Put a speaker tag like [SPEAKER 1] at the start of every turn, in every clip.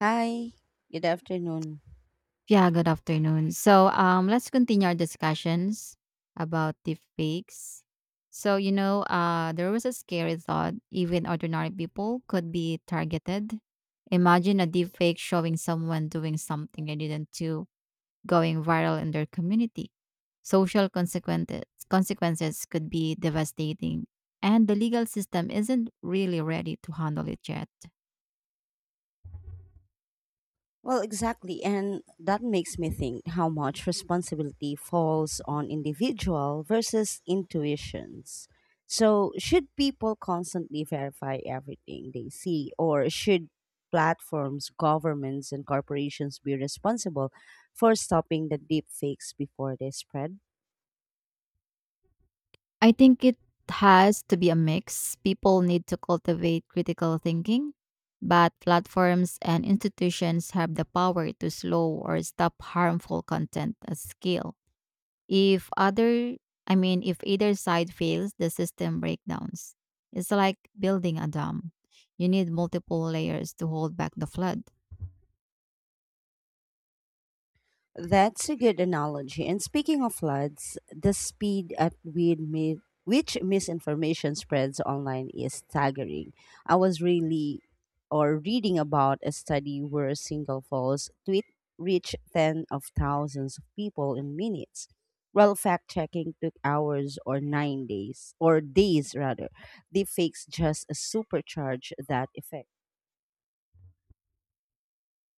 [SPEAKER 1] Hi, good afternoon.
[SPEAKER 2] Yeah, good afternoon. Let's continue our discussions about deepfakes. There was a scary thought even ordinary people could be targeted. Imagine a deepfake showing someone doing something they didn't do, going viral in their community. Social consequences could be devastating, and the legal system isn't really ready to handle it yet.
[SPEAKER 1] Well, exactly. And that makes me think how much responsibility falls on individual versus intuitions. So, should people constantly verify everything they see, or should platforms, governments, and corporations be responsible for stopping the deep fakes before they spread?
[SPEAKER 2] I think it has to be a mix. People need to cultivate critical thinking, but platforms and institutions have the power to slow or stop harmful content at scale. If other, I mean, If either side fails, the system breakdowns. It's like building a dam. You need multiple layers to hold back the flood.
[SPEAKER 1] That's a good analogy. And speaking of floods, the speed at which which misinformation spreads online is staggering. I was really or reading about a study where a single false tweet reached ten of thousands of people in minutes. While fact checking took hours or 9 days, or days rather, deepfakes just supercharge that effect.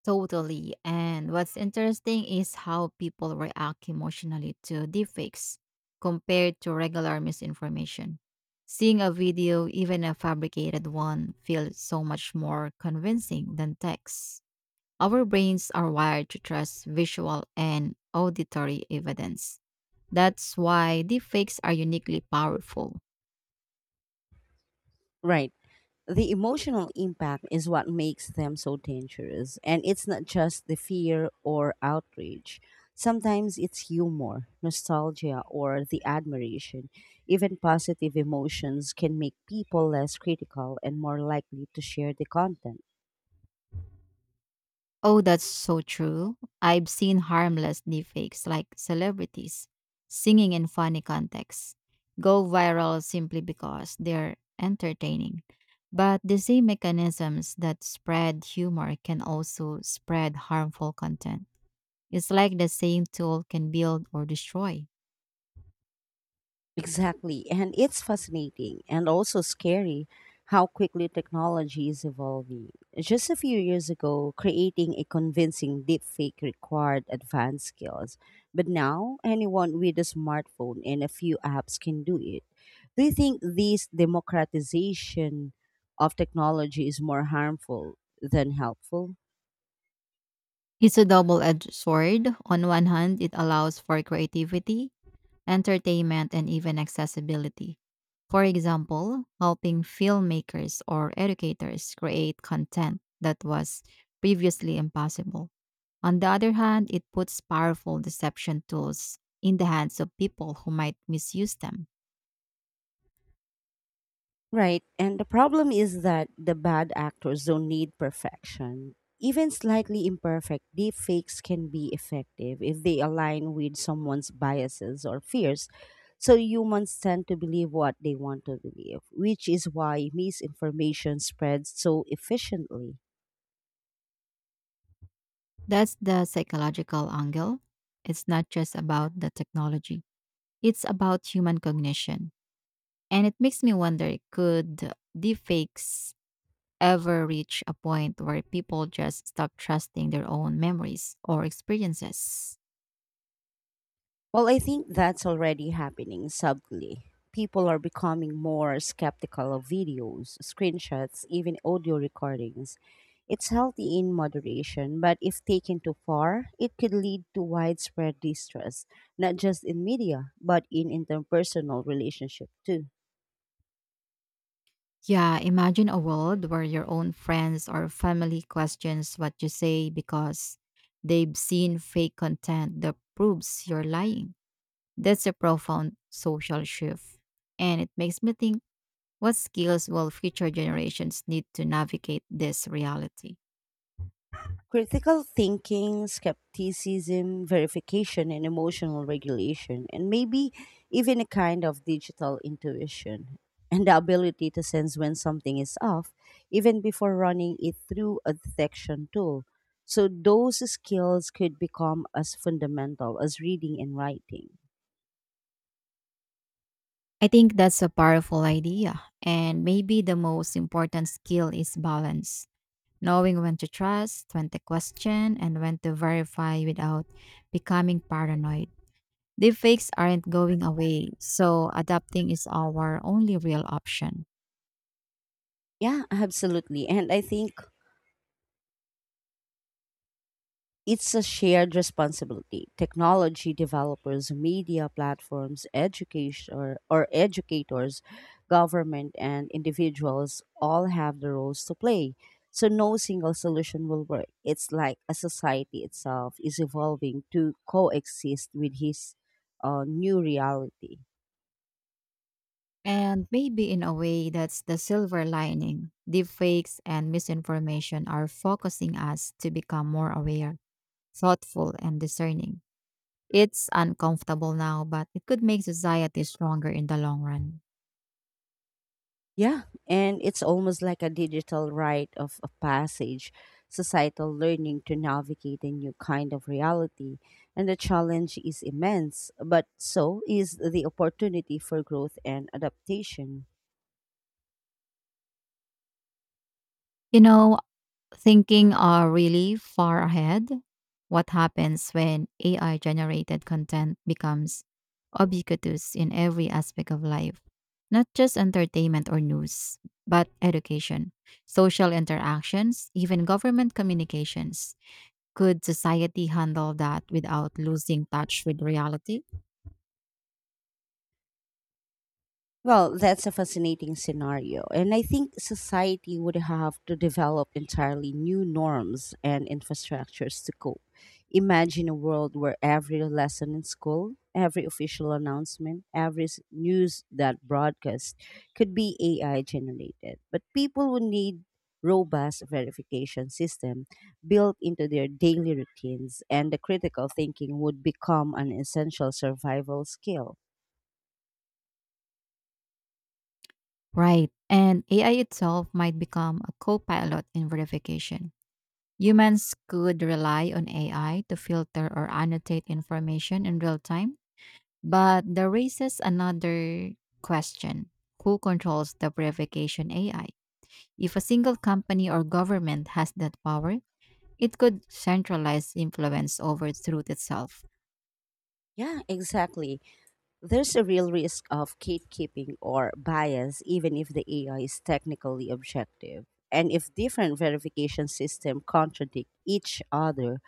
[SPEAKER 2] Totally. And what's interesting is how people react emotionally to deepfakes compared to regular misinformation. Seeing a video, even a fabricated one, feels so much more convincing than text. Our brains are wired to trust visual and auditory evidence. That's why deepfakes are uniquely powerful.
[SPEAKER 1] Right. The emotional impact is what makes them so dangerous. And it's not just the fear or outrage. Sometimes it's humor, nostalgia, or the admiration. Even positive emotions can make people less critical and more likely to share the content.
[SPEAKER 2] Oh, that's so true. I've seen harmless deepfakes like celebrities singing in funny contexts go viral simply because they're entertaining. But the same mechanisms that spread humor can also spread harmful content. It's like the same tool can build or destroy.
[SPEAKER 1] Exactly. And it's fascinating and also scary how quickly technology is evolving. Just a few years ago, creating a convincing deepfake required advanced skills. But now, anyone with a smartphone and a few apps can do it. Do you think this democratization of technology is more harmful than helpful?
[SPEAKER 2] It's a double edged sword. On one hand, it allows for creativity, entertainment, and even accessibility. For example, helping filmmakers or educators create content that was previously impossible. On the other hand, it puts powerful deception tools in the hands of people who might misuse them.
[SPEAKER 1] Right. And the problem is that the bad actors don't need perfection. Even slightly imperfect deepfakes can be effective if they align with someone's biases or fears. So humans tend to believe what they want to believe, which is why misinformation spreads so efficiently.
[SPEAKER 2] That's the psychological angle. It's not just about the technology, it's about human cognition. And it makes me wonder could deepfakes ever reach a point where people just stop trusting their own memories or experiences.
[SPEAKER 1] Well, I think that's already happening subtly. People are becoming more skeptical of videos, screenshots, even audio recordings. It's healthy in moderation, but if taken too far, it could lead to widespread distrust, not just in media, but in interpersonal relationship too.
[SPEAKER 2] Yeah, imagine a world where your own friends or family questions what you say because they've seen fake content that proves you're lying. That's a profound social shift. And it makes me think what skills will future generations need to navigate this reality?
[SPEAKER 1] Critical thinking, skepticism, verification, and emotional regulation, and maybe even a kind of digital intuition, and the ability to sense when something is off, even before running it through a detection tool. So, those skills could become as fundamental as reading and writing.
[SPEAKER 2] I think that's a powerful idea. And maybe the most important skill is balance. Knowing when to trust, when to question, and when to verify without becoming paranoid. Deepfakes aren't going away, so adapting is our only real option.
[SPEAKER 1] Yeah, absolutely. And I think it's a shared responsibility. Technology developers, media platforms, education or, educators, government and individuals all have the roles to play. So no single solution will work. It's like a society itself is evolving to coexist with his new reality.
[SPEAKER 2] And maybe in a way, that's the silver lining. Deepfakes and misinformation are focusing us to become more aware, thoughtful, and discerning. It's uncomfortable now, but it could make society stronger in the long run.
[SPEAKER 1] Yeah, and it's almost like a digital rite of a passage, societal learning to navigate a new kind of reality. And the challenge is immense, but so is the opportunity for growth and adaptation.
[SPEAKER 2] You know, thinking are really far ahead. What happens when AI generated content becomes ubiquitous in every aspect of life, not just entertainment or news, but education, social interactions, even government communications? Could society handle that without losing touch with reality?
[SPEAKER 1] Well, that's a fascinating scenario. And I think society would have to develop entirely new norms and infrastructures to cope. Imagine a world where every lesson in school, every official announcement, every news that broadcast could be AI generated. But people would need robust verification system built into their daily routines and the critical thinking would become an essential survival skill.
[SPEAKER 2] Right. And AI itself might become a co pilot in verification. Humans could rely on AI to filter or annotate information in real time, but that raises another question who controls the verification AI? If a single company or government has that power, it could centralize influence over truth itself.
[SPEAKER 1] Yeah, exactly. There's a real risk of gatekeeping or bias, even if the AI is technically objective. And if different verification systems contradict each other,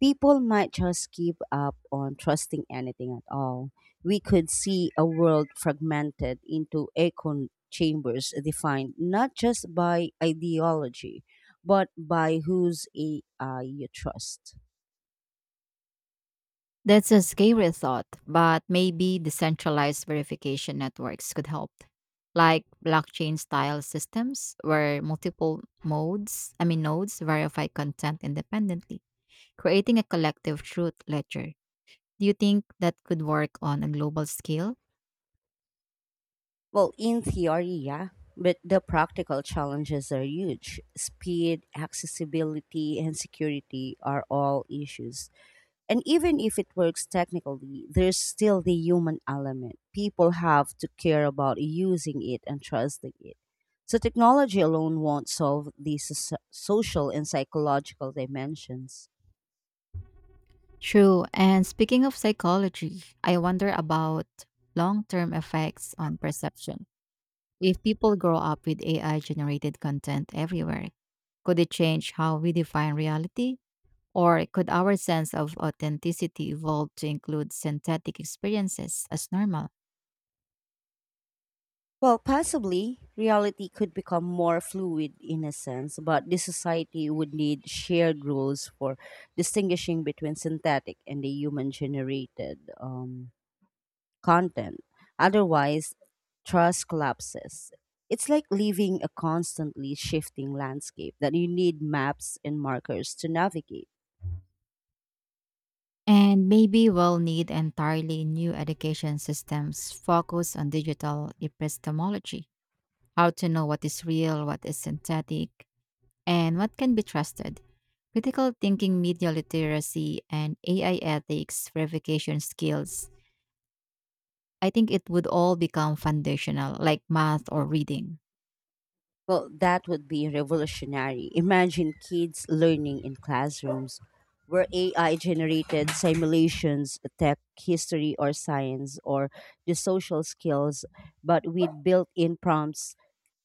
[SPEAKER 1] people might just give up on trusting anything at all. We could see a world fragmented into echo chambers defined not just by ideology, but by whose AI you trust.
[SPEAKER 2] That's a scary thought, but maybe decentralized verification networks could help, like blockchain style systems where multiple modes, I mean nodes verify content independently, creating a collective truth ledger. Do you think that could work on a global scale?
[SPEAKER 1] Well, in theory, yeah, but the practical challenges are huge. Speed, accessibility, and security are all issues. And even if it works technically, there's still the human element. People have to care about using it and trusting it. So, technology alone won't solve these social and psychological dimensions.
[SPEAKER 2] True. And speaking of psychology, I wonder about long-term effects on perception. If people grow up with AI generated content everywhere, could it change how we define reality? Or could our sense of authenticity evolve to include synthetic experiences as normal?
[SPEAKER 1] Well, possibly, reality could become more fluid in a sense, but the society would need shared rules for distinguishing between synthetic and the human generated content. Otherwise, trust collapses. It's like living a constantly shifting landscape that you need maps and markers to navigate.
[SPEAKER 2] And maybe we'll need entirely new education systems focused on digital epistemology, how to know what is real, what is synthetic, and what can be trusted. Critical thinking, media literacy, and AI ethics verification skills. I think it would all become foundational, like math or reading.
[SPEAKER 1] Well, that would be revolutionary. Imagine kids learning in classrooms where AI generated simulations, tech, history, or science, or the social skills, but with built in prompts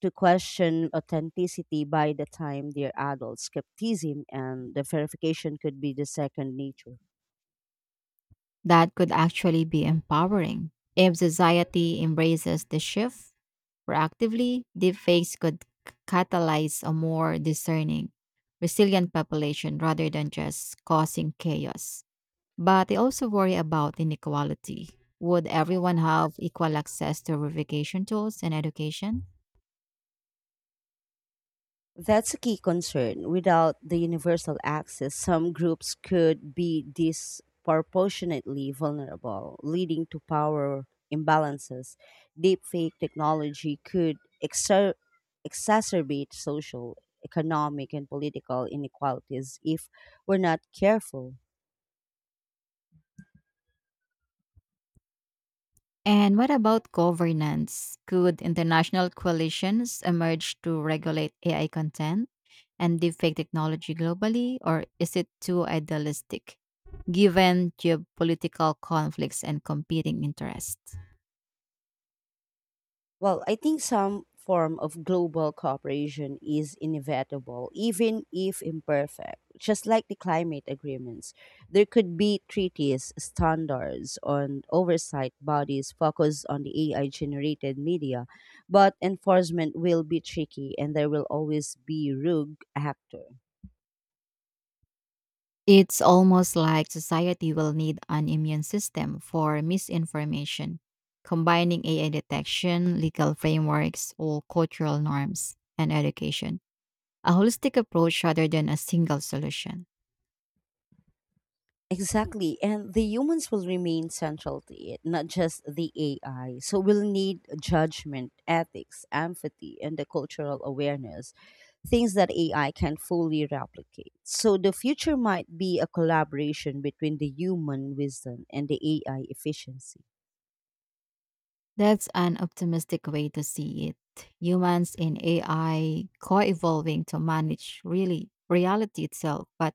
[SPEAKER 1] to question authenticity by the time they're adults. Skepticism and the verification could be the second nature.
[SPEAKER 2] That could actually be empowering. If society embraces the shift proactively, deepfakes could catalyze a more discerning, resilient population rather than just causing chaos. But I also worry about inequality. Would everyone have equal access to verification tools and education?
[SPEAKER 1] That's a key concern. Without the universal access, some groups could be disproportionately vulnerable, leading to power imbalances. Deepfake technology could exer- exacerbate social, economic, and political inequalities if we're not careful.
[SPEAKER 2] And what about governance? Could international coalitions emerge to regulate AI content? And deepfake technology globally, or is it too idealistic given geopolitical conflicts and competing interests?
[SPEAKER 1] Well, I think some form of global cooperation is inevitable, even if imperfect. Just like the climate agreements, there could be treaties, standards, and oversight bodies focused on the AI generated media, but enforcement will be tricky and there will always be rogue actor.
[SPEAKER 2] It's almost like society will need an immune system for misinformation, combining AI detection, legal frameworks, or cultural norms and education. A holistic approach rather than a single solution.
[SPEAKER 1] Exactly. And the humans will remain central to it, not just the AI. So we'll need judgment, ethics, empathy, and the cultural awareness, things that AI can fully replicate. So the future might be a collaboration between the human wisdom and the AI efficiency.
[SPEAKER 2] That's an optimistic way to see it. Humans and AI co evolving to manage really reality itself. But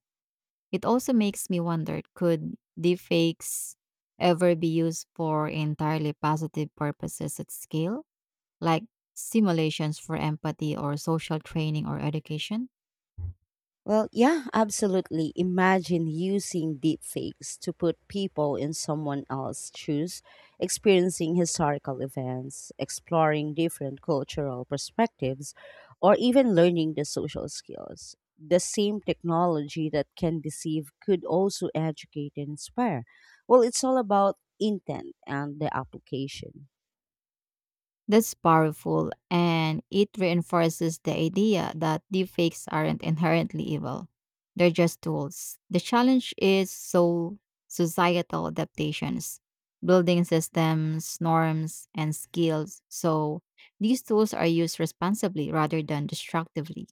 [SPEAKER 2] it also makes me wonder could deepfakes ever be used for entirely positive purposes at scale, like simulations for empathy or social training or education?
[SPEAKER 1] Well, yeah, absolutely. Imagine using deepfakes to put people in someone else's shoes, experiencing historical events, exploring different cultural perspectives, or even learning the social skills. The same technology that can deceive could also educate and inspire. Well, it's all about intent and the application.
[SPEAKER 2] That's powerful, and it reinforces the idea that deepfakes aren't inherently evil. They're just tools. The challenge is so societal adaptations, building systems, norms, and skills. So these tools are used responsibly rather than destructively.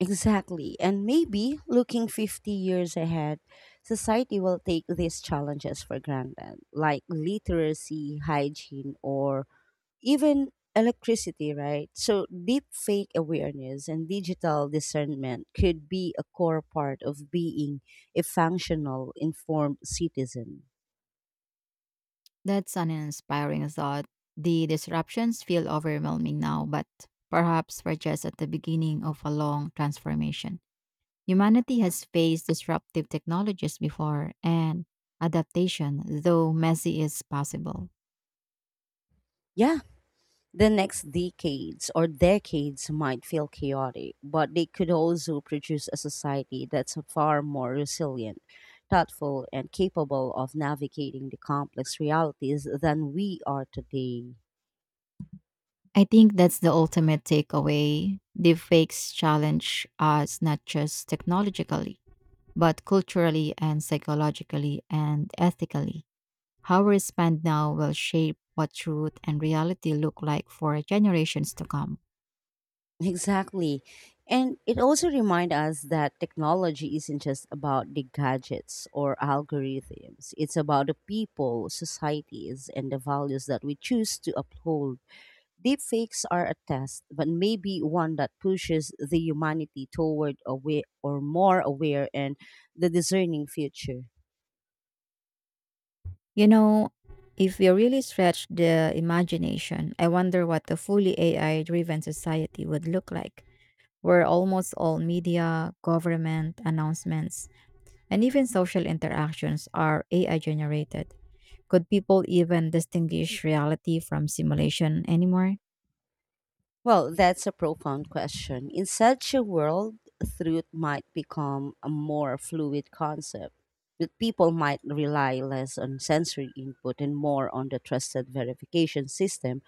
[SPEAKER 1] Exactly. And maybe looking 50 years ahead, society will take these challenges for granted, like literacy, hygiene, or even electricity, right? So, deep fake awareness and digital discernment could be a core part of being a functional, informed citizen.
[SPEAKER 2] That's an inspiring thought. The disruptions feel overwhelming now, but perhaps we're just at the beginning of a long transformation. Humanity has faced disruptive technologies before, and adaptation, though messy, is possible.
[SPEAKER 1] Yeah, the next decades or decades might feel chaotic, but they could also produce a society that's far more resilient, thoughtful, and capable of navigating the complex realities than we are today.
[SPEAKER 2] I think that's the ultimate takeaway. Deepfakes challenge us not just technologically, but culturally and psychologically and ethically. How we respond now will shape what truth and reality look like for generations to come.
[SPEAKER 1] Exactly. And it also reminds us that technology isn't just about the gadgets or algorithms, it's about the people, societies, and the values that we choose to uphold. Deepfakes are a test, but maybe one that pushes the humanity toward aware or more aware and the discerning future.
[SPEAKER 2] You know, if we really stretch the imagination, I wonder what a fully AI driven society would look like. Where almost all media, government announcements, and even social interactions are AI generated. Could people even distinguish reality from simulation anymore?
[SPEAKER 1] Well, that's a profound question. In such a world, truth might become a more fluid concept, but people might rely less on sensory input and more on the trusted verification system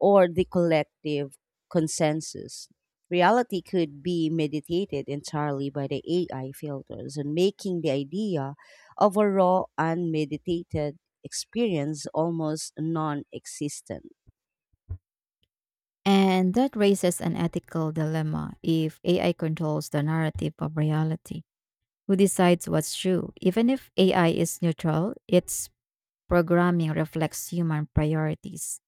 [SPEAKER 1] or the collective consensus. Reality could be mediated entirely by the AI filters and making the idea of a raw, unmeditated experience almost non existent.
[SPEAKER 2] And that raises an ethical dilemma if AI controls the narrative of reality. Who decides what's true? Even if AI is neutral, its programming reflects human priorities.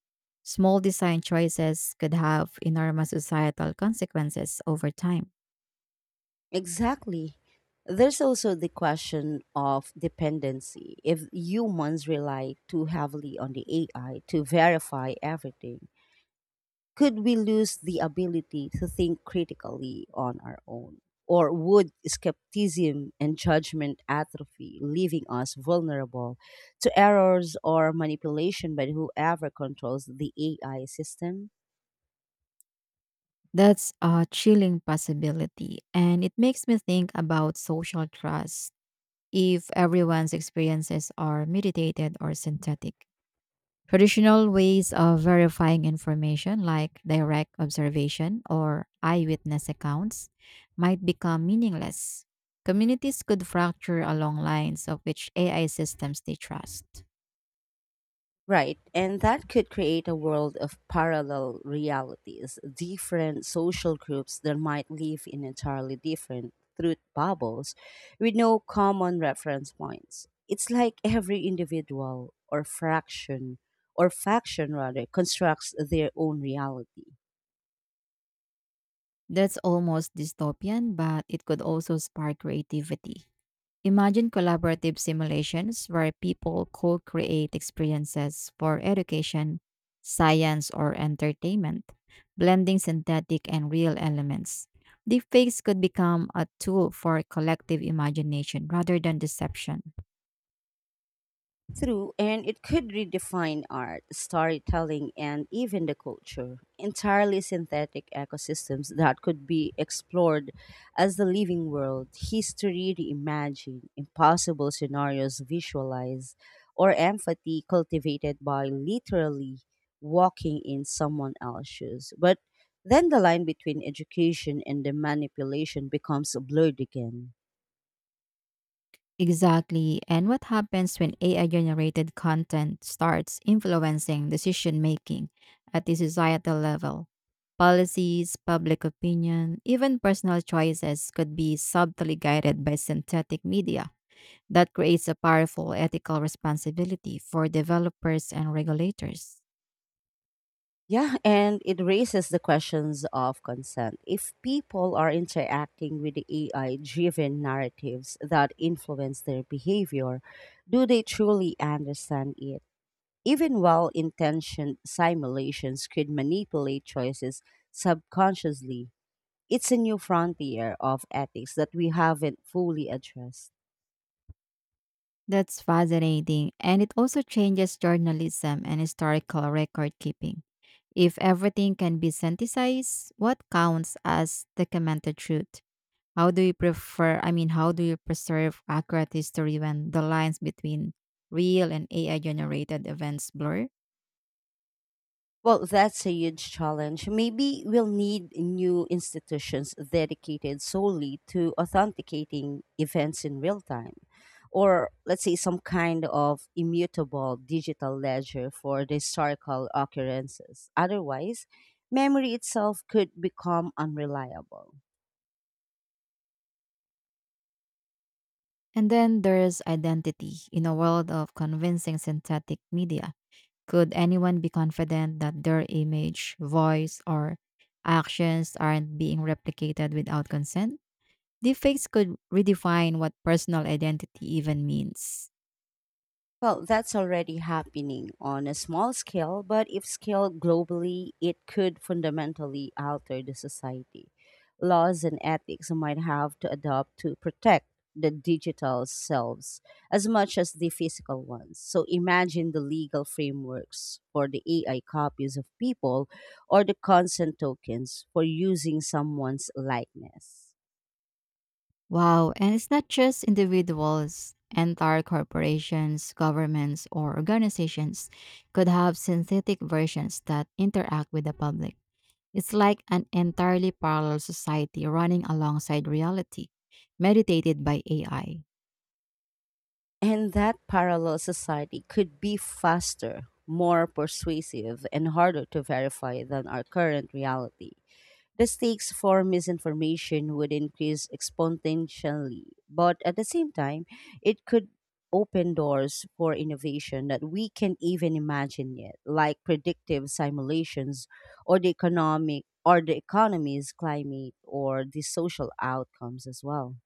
[SPEAKER 2] Small design choices could have enormous societal consequences over time.
[SPEAKER 1] Exactly. There's also the question of dependency. If humans rely too heavily on the AI to verify everything, could we lose the ability to think critically on our own? Or would skepticism and judgment atrophy, leaving us vulnerable to errors or manipulation by whoever controls the AI system?
[SPEAKER 2] That's a chilling possibility, and it makes me think about social trust. If everyone's experiences are mediated or synthetic, traditional ways of verifying information, like direct observation or eyewitness accounts, might become meaningless. Communities could fracture along lines of which AI systems they trust.
[SPEAKER 1] Right, and that could create a world of parallel realities, different social groups that might live in entirely different truth bubbles with no common reference points. It's like every individual or fraction or faction rather constructs their own reality.
[SPEAKER 2] That's almost dystopian, but it could also spark creativity. Imagine collaborative simulations where people co create experiences for education, science, or entertainment, blending synthetic and real elements. Deepfakes could become a tool for collective imagination rather than deception.
[SPEAKER 1] True, and it could redefine art, storytelling, and even the culture. Entirely synthetic ecosystems that could be explored as the living world, history reimagined, impossible scenarios visualized, or empathy cultivated by literally walking in someone else's shoes. But then the line between education and the manipulation becomes blurred again.
[SPEAKER 2] Exactly. And what happens when AI generated content starts influencing decision making at the societal level? Policies, public opinion, even personal choices could be subtly guided by synthetic media. That creates a powerful ethical responsibility for developers and regulators.
[SPEAKER 1] Yeah, and it raises the questions of consent. If people are interacting with the AI driven narratives that influence their behavior, do they truly understand it? Even well intentioned simulations could manipulate choices subconsciously. It's a new frontier of ethics that we haven't fully addressed.
[SPEAKER 2] That's fascinating. And it also changes journalism and historical record keeping. If everything can be synthesized, what counts as documented truth? How do you preserve accurate history when the lines between real and AI generated events blur?
[SPEAKER 1] Well, that's a huge challenge. Maybe we'll need new institutions dedicated solely to authenticating events in real time, or let's say some kind of immutable digital ledger for the historical occurrences. Otherwise, memory itself could become unreliable.
[SPEAKER 2] And then there's identity in a world of convincing synthetic media. Could anyone be confident that their image, voice, or actions aren't being replicated without consent? Deepfakes could redefine what personal identity even means.
[SPEAKER 1] Well, that's already happening on a small scale, but if scaled globally, it could fundamentally alter the society. Laws and ethics might have to adapt to protect the digital selves as much as the physical ones. So imagine the legal frameworks for the AI copies of people or the consent tokens for using someone's likeness.
[SPEAKER 2] Wow, and it's not just individuals. Entire corporations, governments, or organizations could have synthetic versions that interact with the public. It's like an entirely parallel society running alongside reality, mediated by AI.
[SPEAKER 1] And that parallel society could be faster, more persuasive, and harder to verify than our current reality. The stakes for misinformation would increase exponentially, but at the same time, it could open doors for innovation that we can't even imagine yet, like predictive simulations or the economic or the economy's climate or the social outcomes as well.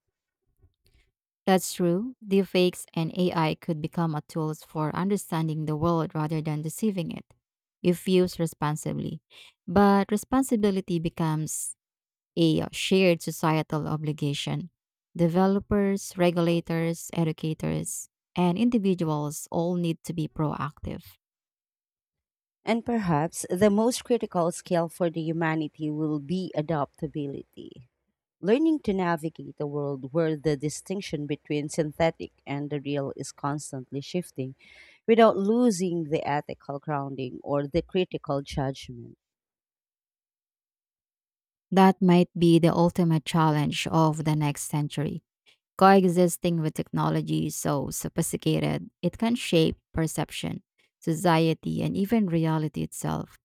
[SPEAKER 2] That's true. Deepfakes and AI could become a tools for understanding the world rather than deceiving it, if used responsibly. But responsibility becomes a shared societal obligation. Developers, regulators, educators, and individuals all need to be proactive.
[SPEAKER 1] And perhaps the most critical skill for the humanity will be adaptability. Learning to navigate a world where the distinction between synthetic and the real is constantly shifting without losing the ethical grounding or the critical judgment.
[SPEAKER 2] That might be the ultimate challenge of the next century coexisting with technology so sophisticated, it can shape perception, society, and even reality itself.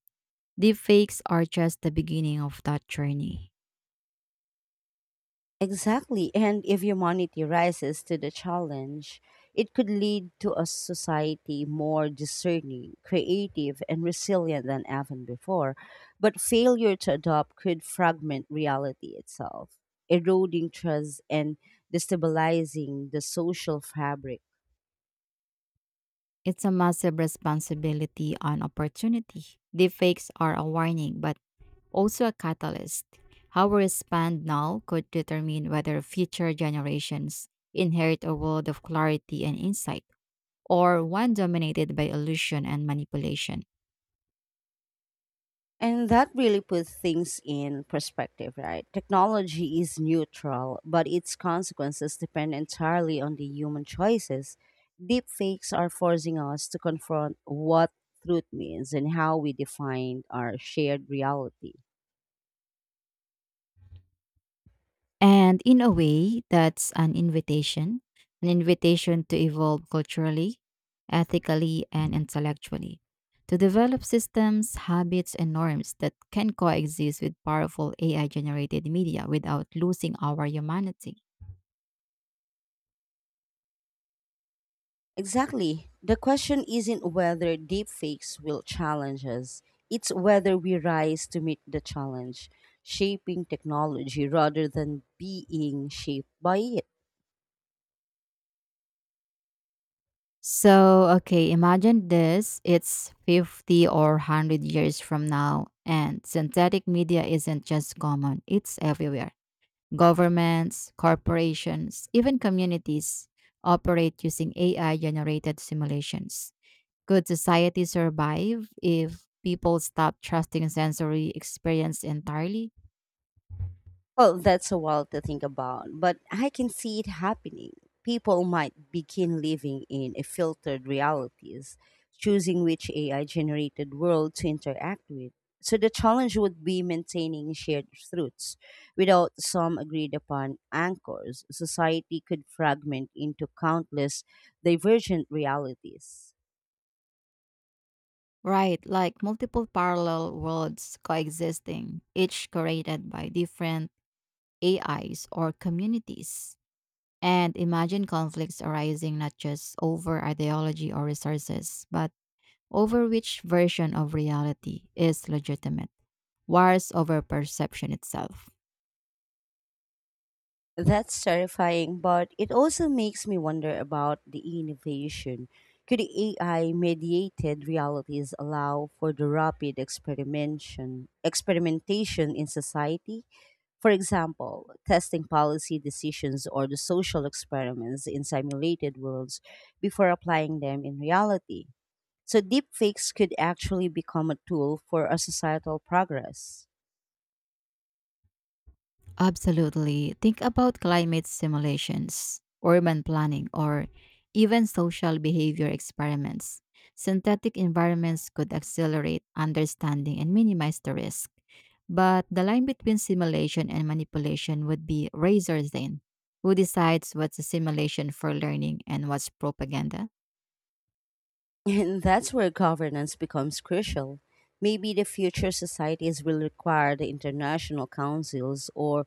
[SPEAKER 2] Deepfakes are just the beginning of that journey.
[SPEAKER 1] Exactly. And if humanity rises to the challenge, it could lead to a society more discerning, creative, and resilient than ever before. But failure to adopt could fragment reality itself, eroding trust and destabilizing the social fabric.
[SPEAKER 2] It's a massive responsibility and opportunity. Deepfakes are a warning, but also a catalyst. How we respond now could determine whether future generations inherit a world of clarity and insight, or one dominated by illusion and manipulation.
[SPEAKER 1] And that really puts things in perspective, right? Technology is neutral, but its consequences depend entirely on the human choices. Deepfakes are forcing us to confront what truth means and how we define our shared reality.
[SPEAKER 2] And in a way, that's an invitation to evolve culturally, ethically, and intellectually, to develop systems, habits, and norms that can coexist with powerful AI generated media without losing our humanity.
[SPEAKER 1] Exactly. The question isn't whether deepfakes will challenge us, it's whether we rise to meet the challenge, shaping technology rather than being shaped by it.
[SPEAKER 2] So, okay, imagine this it's 50 or 100 years from now, and synthetic media isn't just common, it's everywhere. Governments, corporations, even communities operate using AI generated simulations. Could society survive if people stop trusting sensory experience entirely?
[SPEAKER 1] Well, that's a while to think about, but I can see it happening. People might begin living in a filtered realities, choosing which AI generated world to interact with. So the challenge would be maintaining shared truths without some agreed upon anchors. Society could fragment into countless divergent realities.
[SPEAKER 2] Right, like multiple parallel worlds coexisting, each created by different AIs or communities. And imagine conflicts arising not just over ideology or resources, but over which version of reality is legitimate, wars over perception itself.
[SPEAKER 1] That's terrifying, but it also makes me wonder about the innovation. Could AI mediated realities allow for the rapid experimentation in society? For example, testing policy decisions or the social experiments in simulated worlds before applying them in reality. So, deepfakes could actually become a tool for a societal progress.
[SPEAKER 2] Absolutely. Think about climate simulations, urban planning, or even social behavior experiments. Synthetic environments could accelerate understanding and minimize the risk. But the line between simulation and manipulation would be razor thin. Who decides what's a simulation for learning and what's propaganda?
[SPEAKER 1] And that's where governance becomes crucial. Maybe the future societies will require the international councils or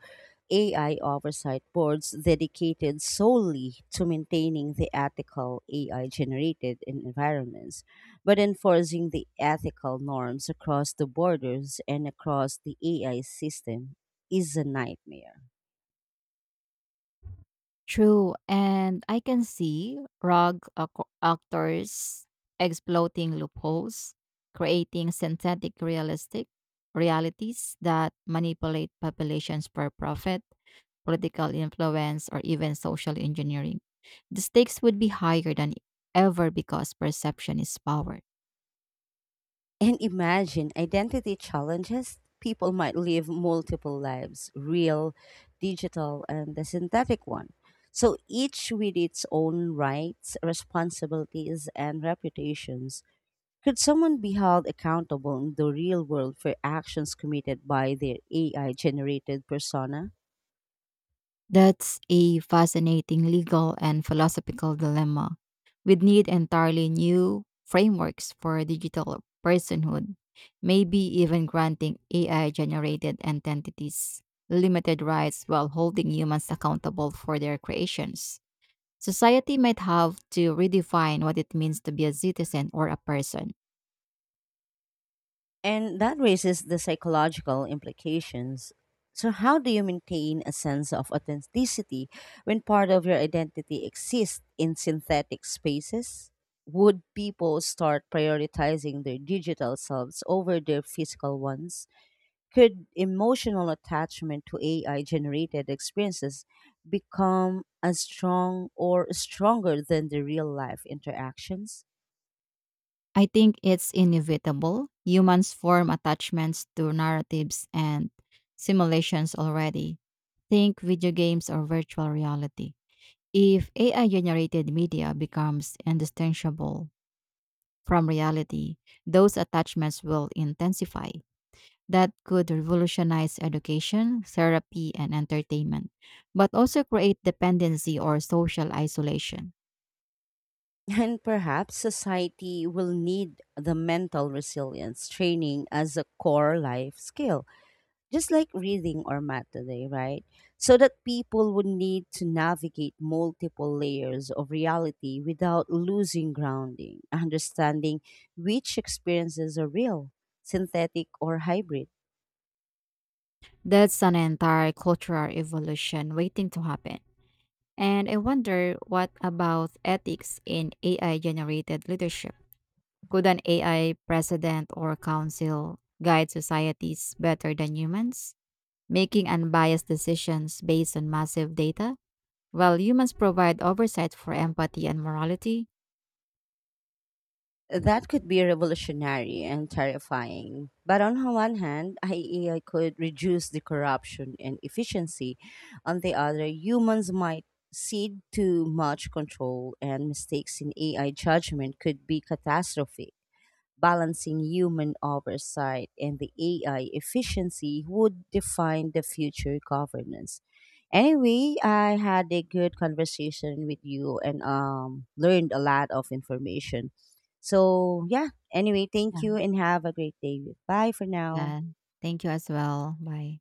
[SPEAKER 1] AI oversight boards dedicated solely to maintaining the ethical AI generated in environments, but enforcing the ethical norms across the borders and across the AI system is a nightmare.
[SPEAKER 2] True, and I can see actors exploiting loopholes, creating synthetic realistic realities that manipulate populations for profit, political influence, or even social engineering. The stakes would be higher than ever because perception is power.
[SPEAKER 1] And imagine identity challenges. People might live multiple lives real, digital, and the synthetic one. So each with its own rights, responsibilities, and reputations. Could someone be held accountable in the real world for actions committed by their AI generated persona?
[SPEAKER 2] That's a fascinating legal and philosophical dilemma. We'd need entirely new frameworks for digital personhood, maybe even granting AI generated entities limited rights while holding humans accountable for their creations. Society might have to redefine what it means to be a citizen or a person.
[SPEAKER 1] And that raises the psychological implications. So, how do you maintain a sense of authenticity when part of your identity exists in synthetic spaces? Would people start prioritizing their digital selves over their physical ones? Could emotional attachment to AI generated experiences become as strong or stronger than the real life interactions?
[SPEAKER 2] I think it's inevitable. Humans form attachments to narratives and simulations already. Think video games or virtual reality. If AI generated media becomes indistinguishable from reality, those attachments will intensify. That could revolutionize education, therapy, and entertainment, but also create dependency or social isolation.
[SPEAKER 1] And perhaps society will need the mental resilience training as a core life skill, just like reading or math today, right? So that people would need to navigate multiple layers of reality without losing grounding, understanding which experiences are real, synthetic, or hybrid.
[SPEAKER 2] That's an entire cultural evolution waiting to happen. And I wonder what about ethics in AI generated leadership? Could an AI president or council guide societies better than humans, making unbiased decisions based on massive data? While humans provide oversight for empathy and morality.
[SPEAKER 1] That could be revolutionary and terrifying. But on the one hand, AI could reduce the corruption and efficiency. On the other, humans might cede to much control, and mistakes in AI judgment could be catastrophic. Balancing human oversight and the AI efficiency would define the future governance. Anyway, I had a good conversation with you and learned a lot of information. So, yeah, anyway, thank
[SPEAKER 2] Yeah.
[SPEAKER 1] you and have a great day. Bye for now.
[SPEAKER 2] Yeah. Thank you as well. Bye.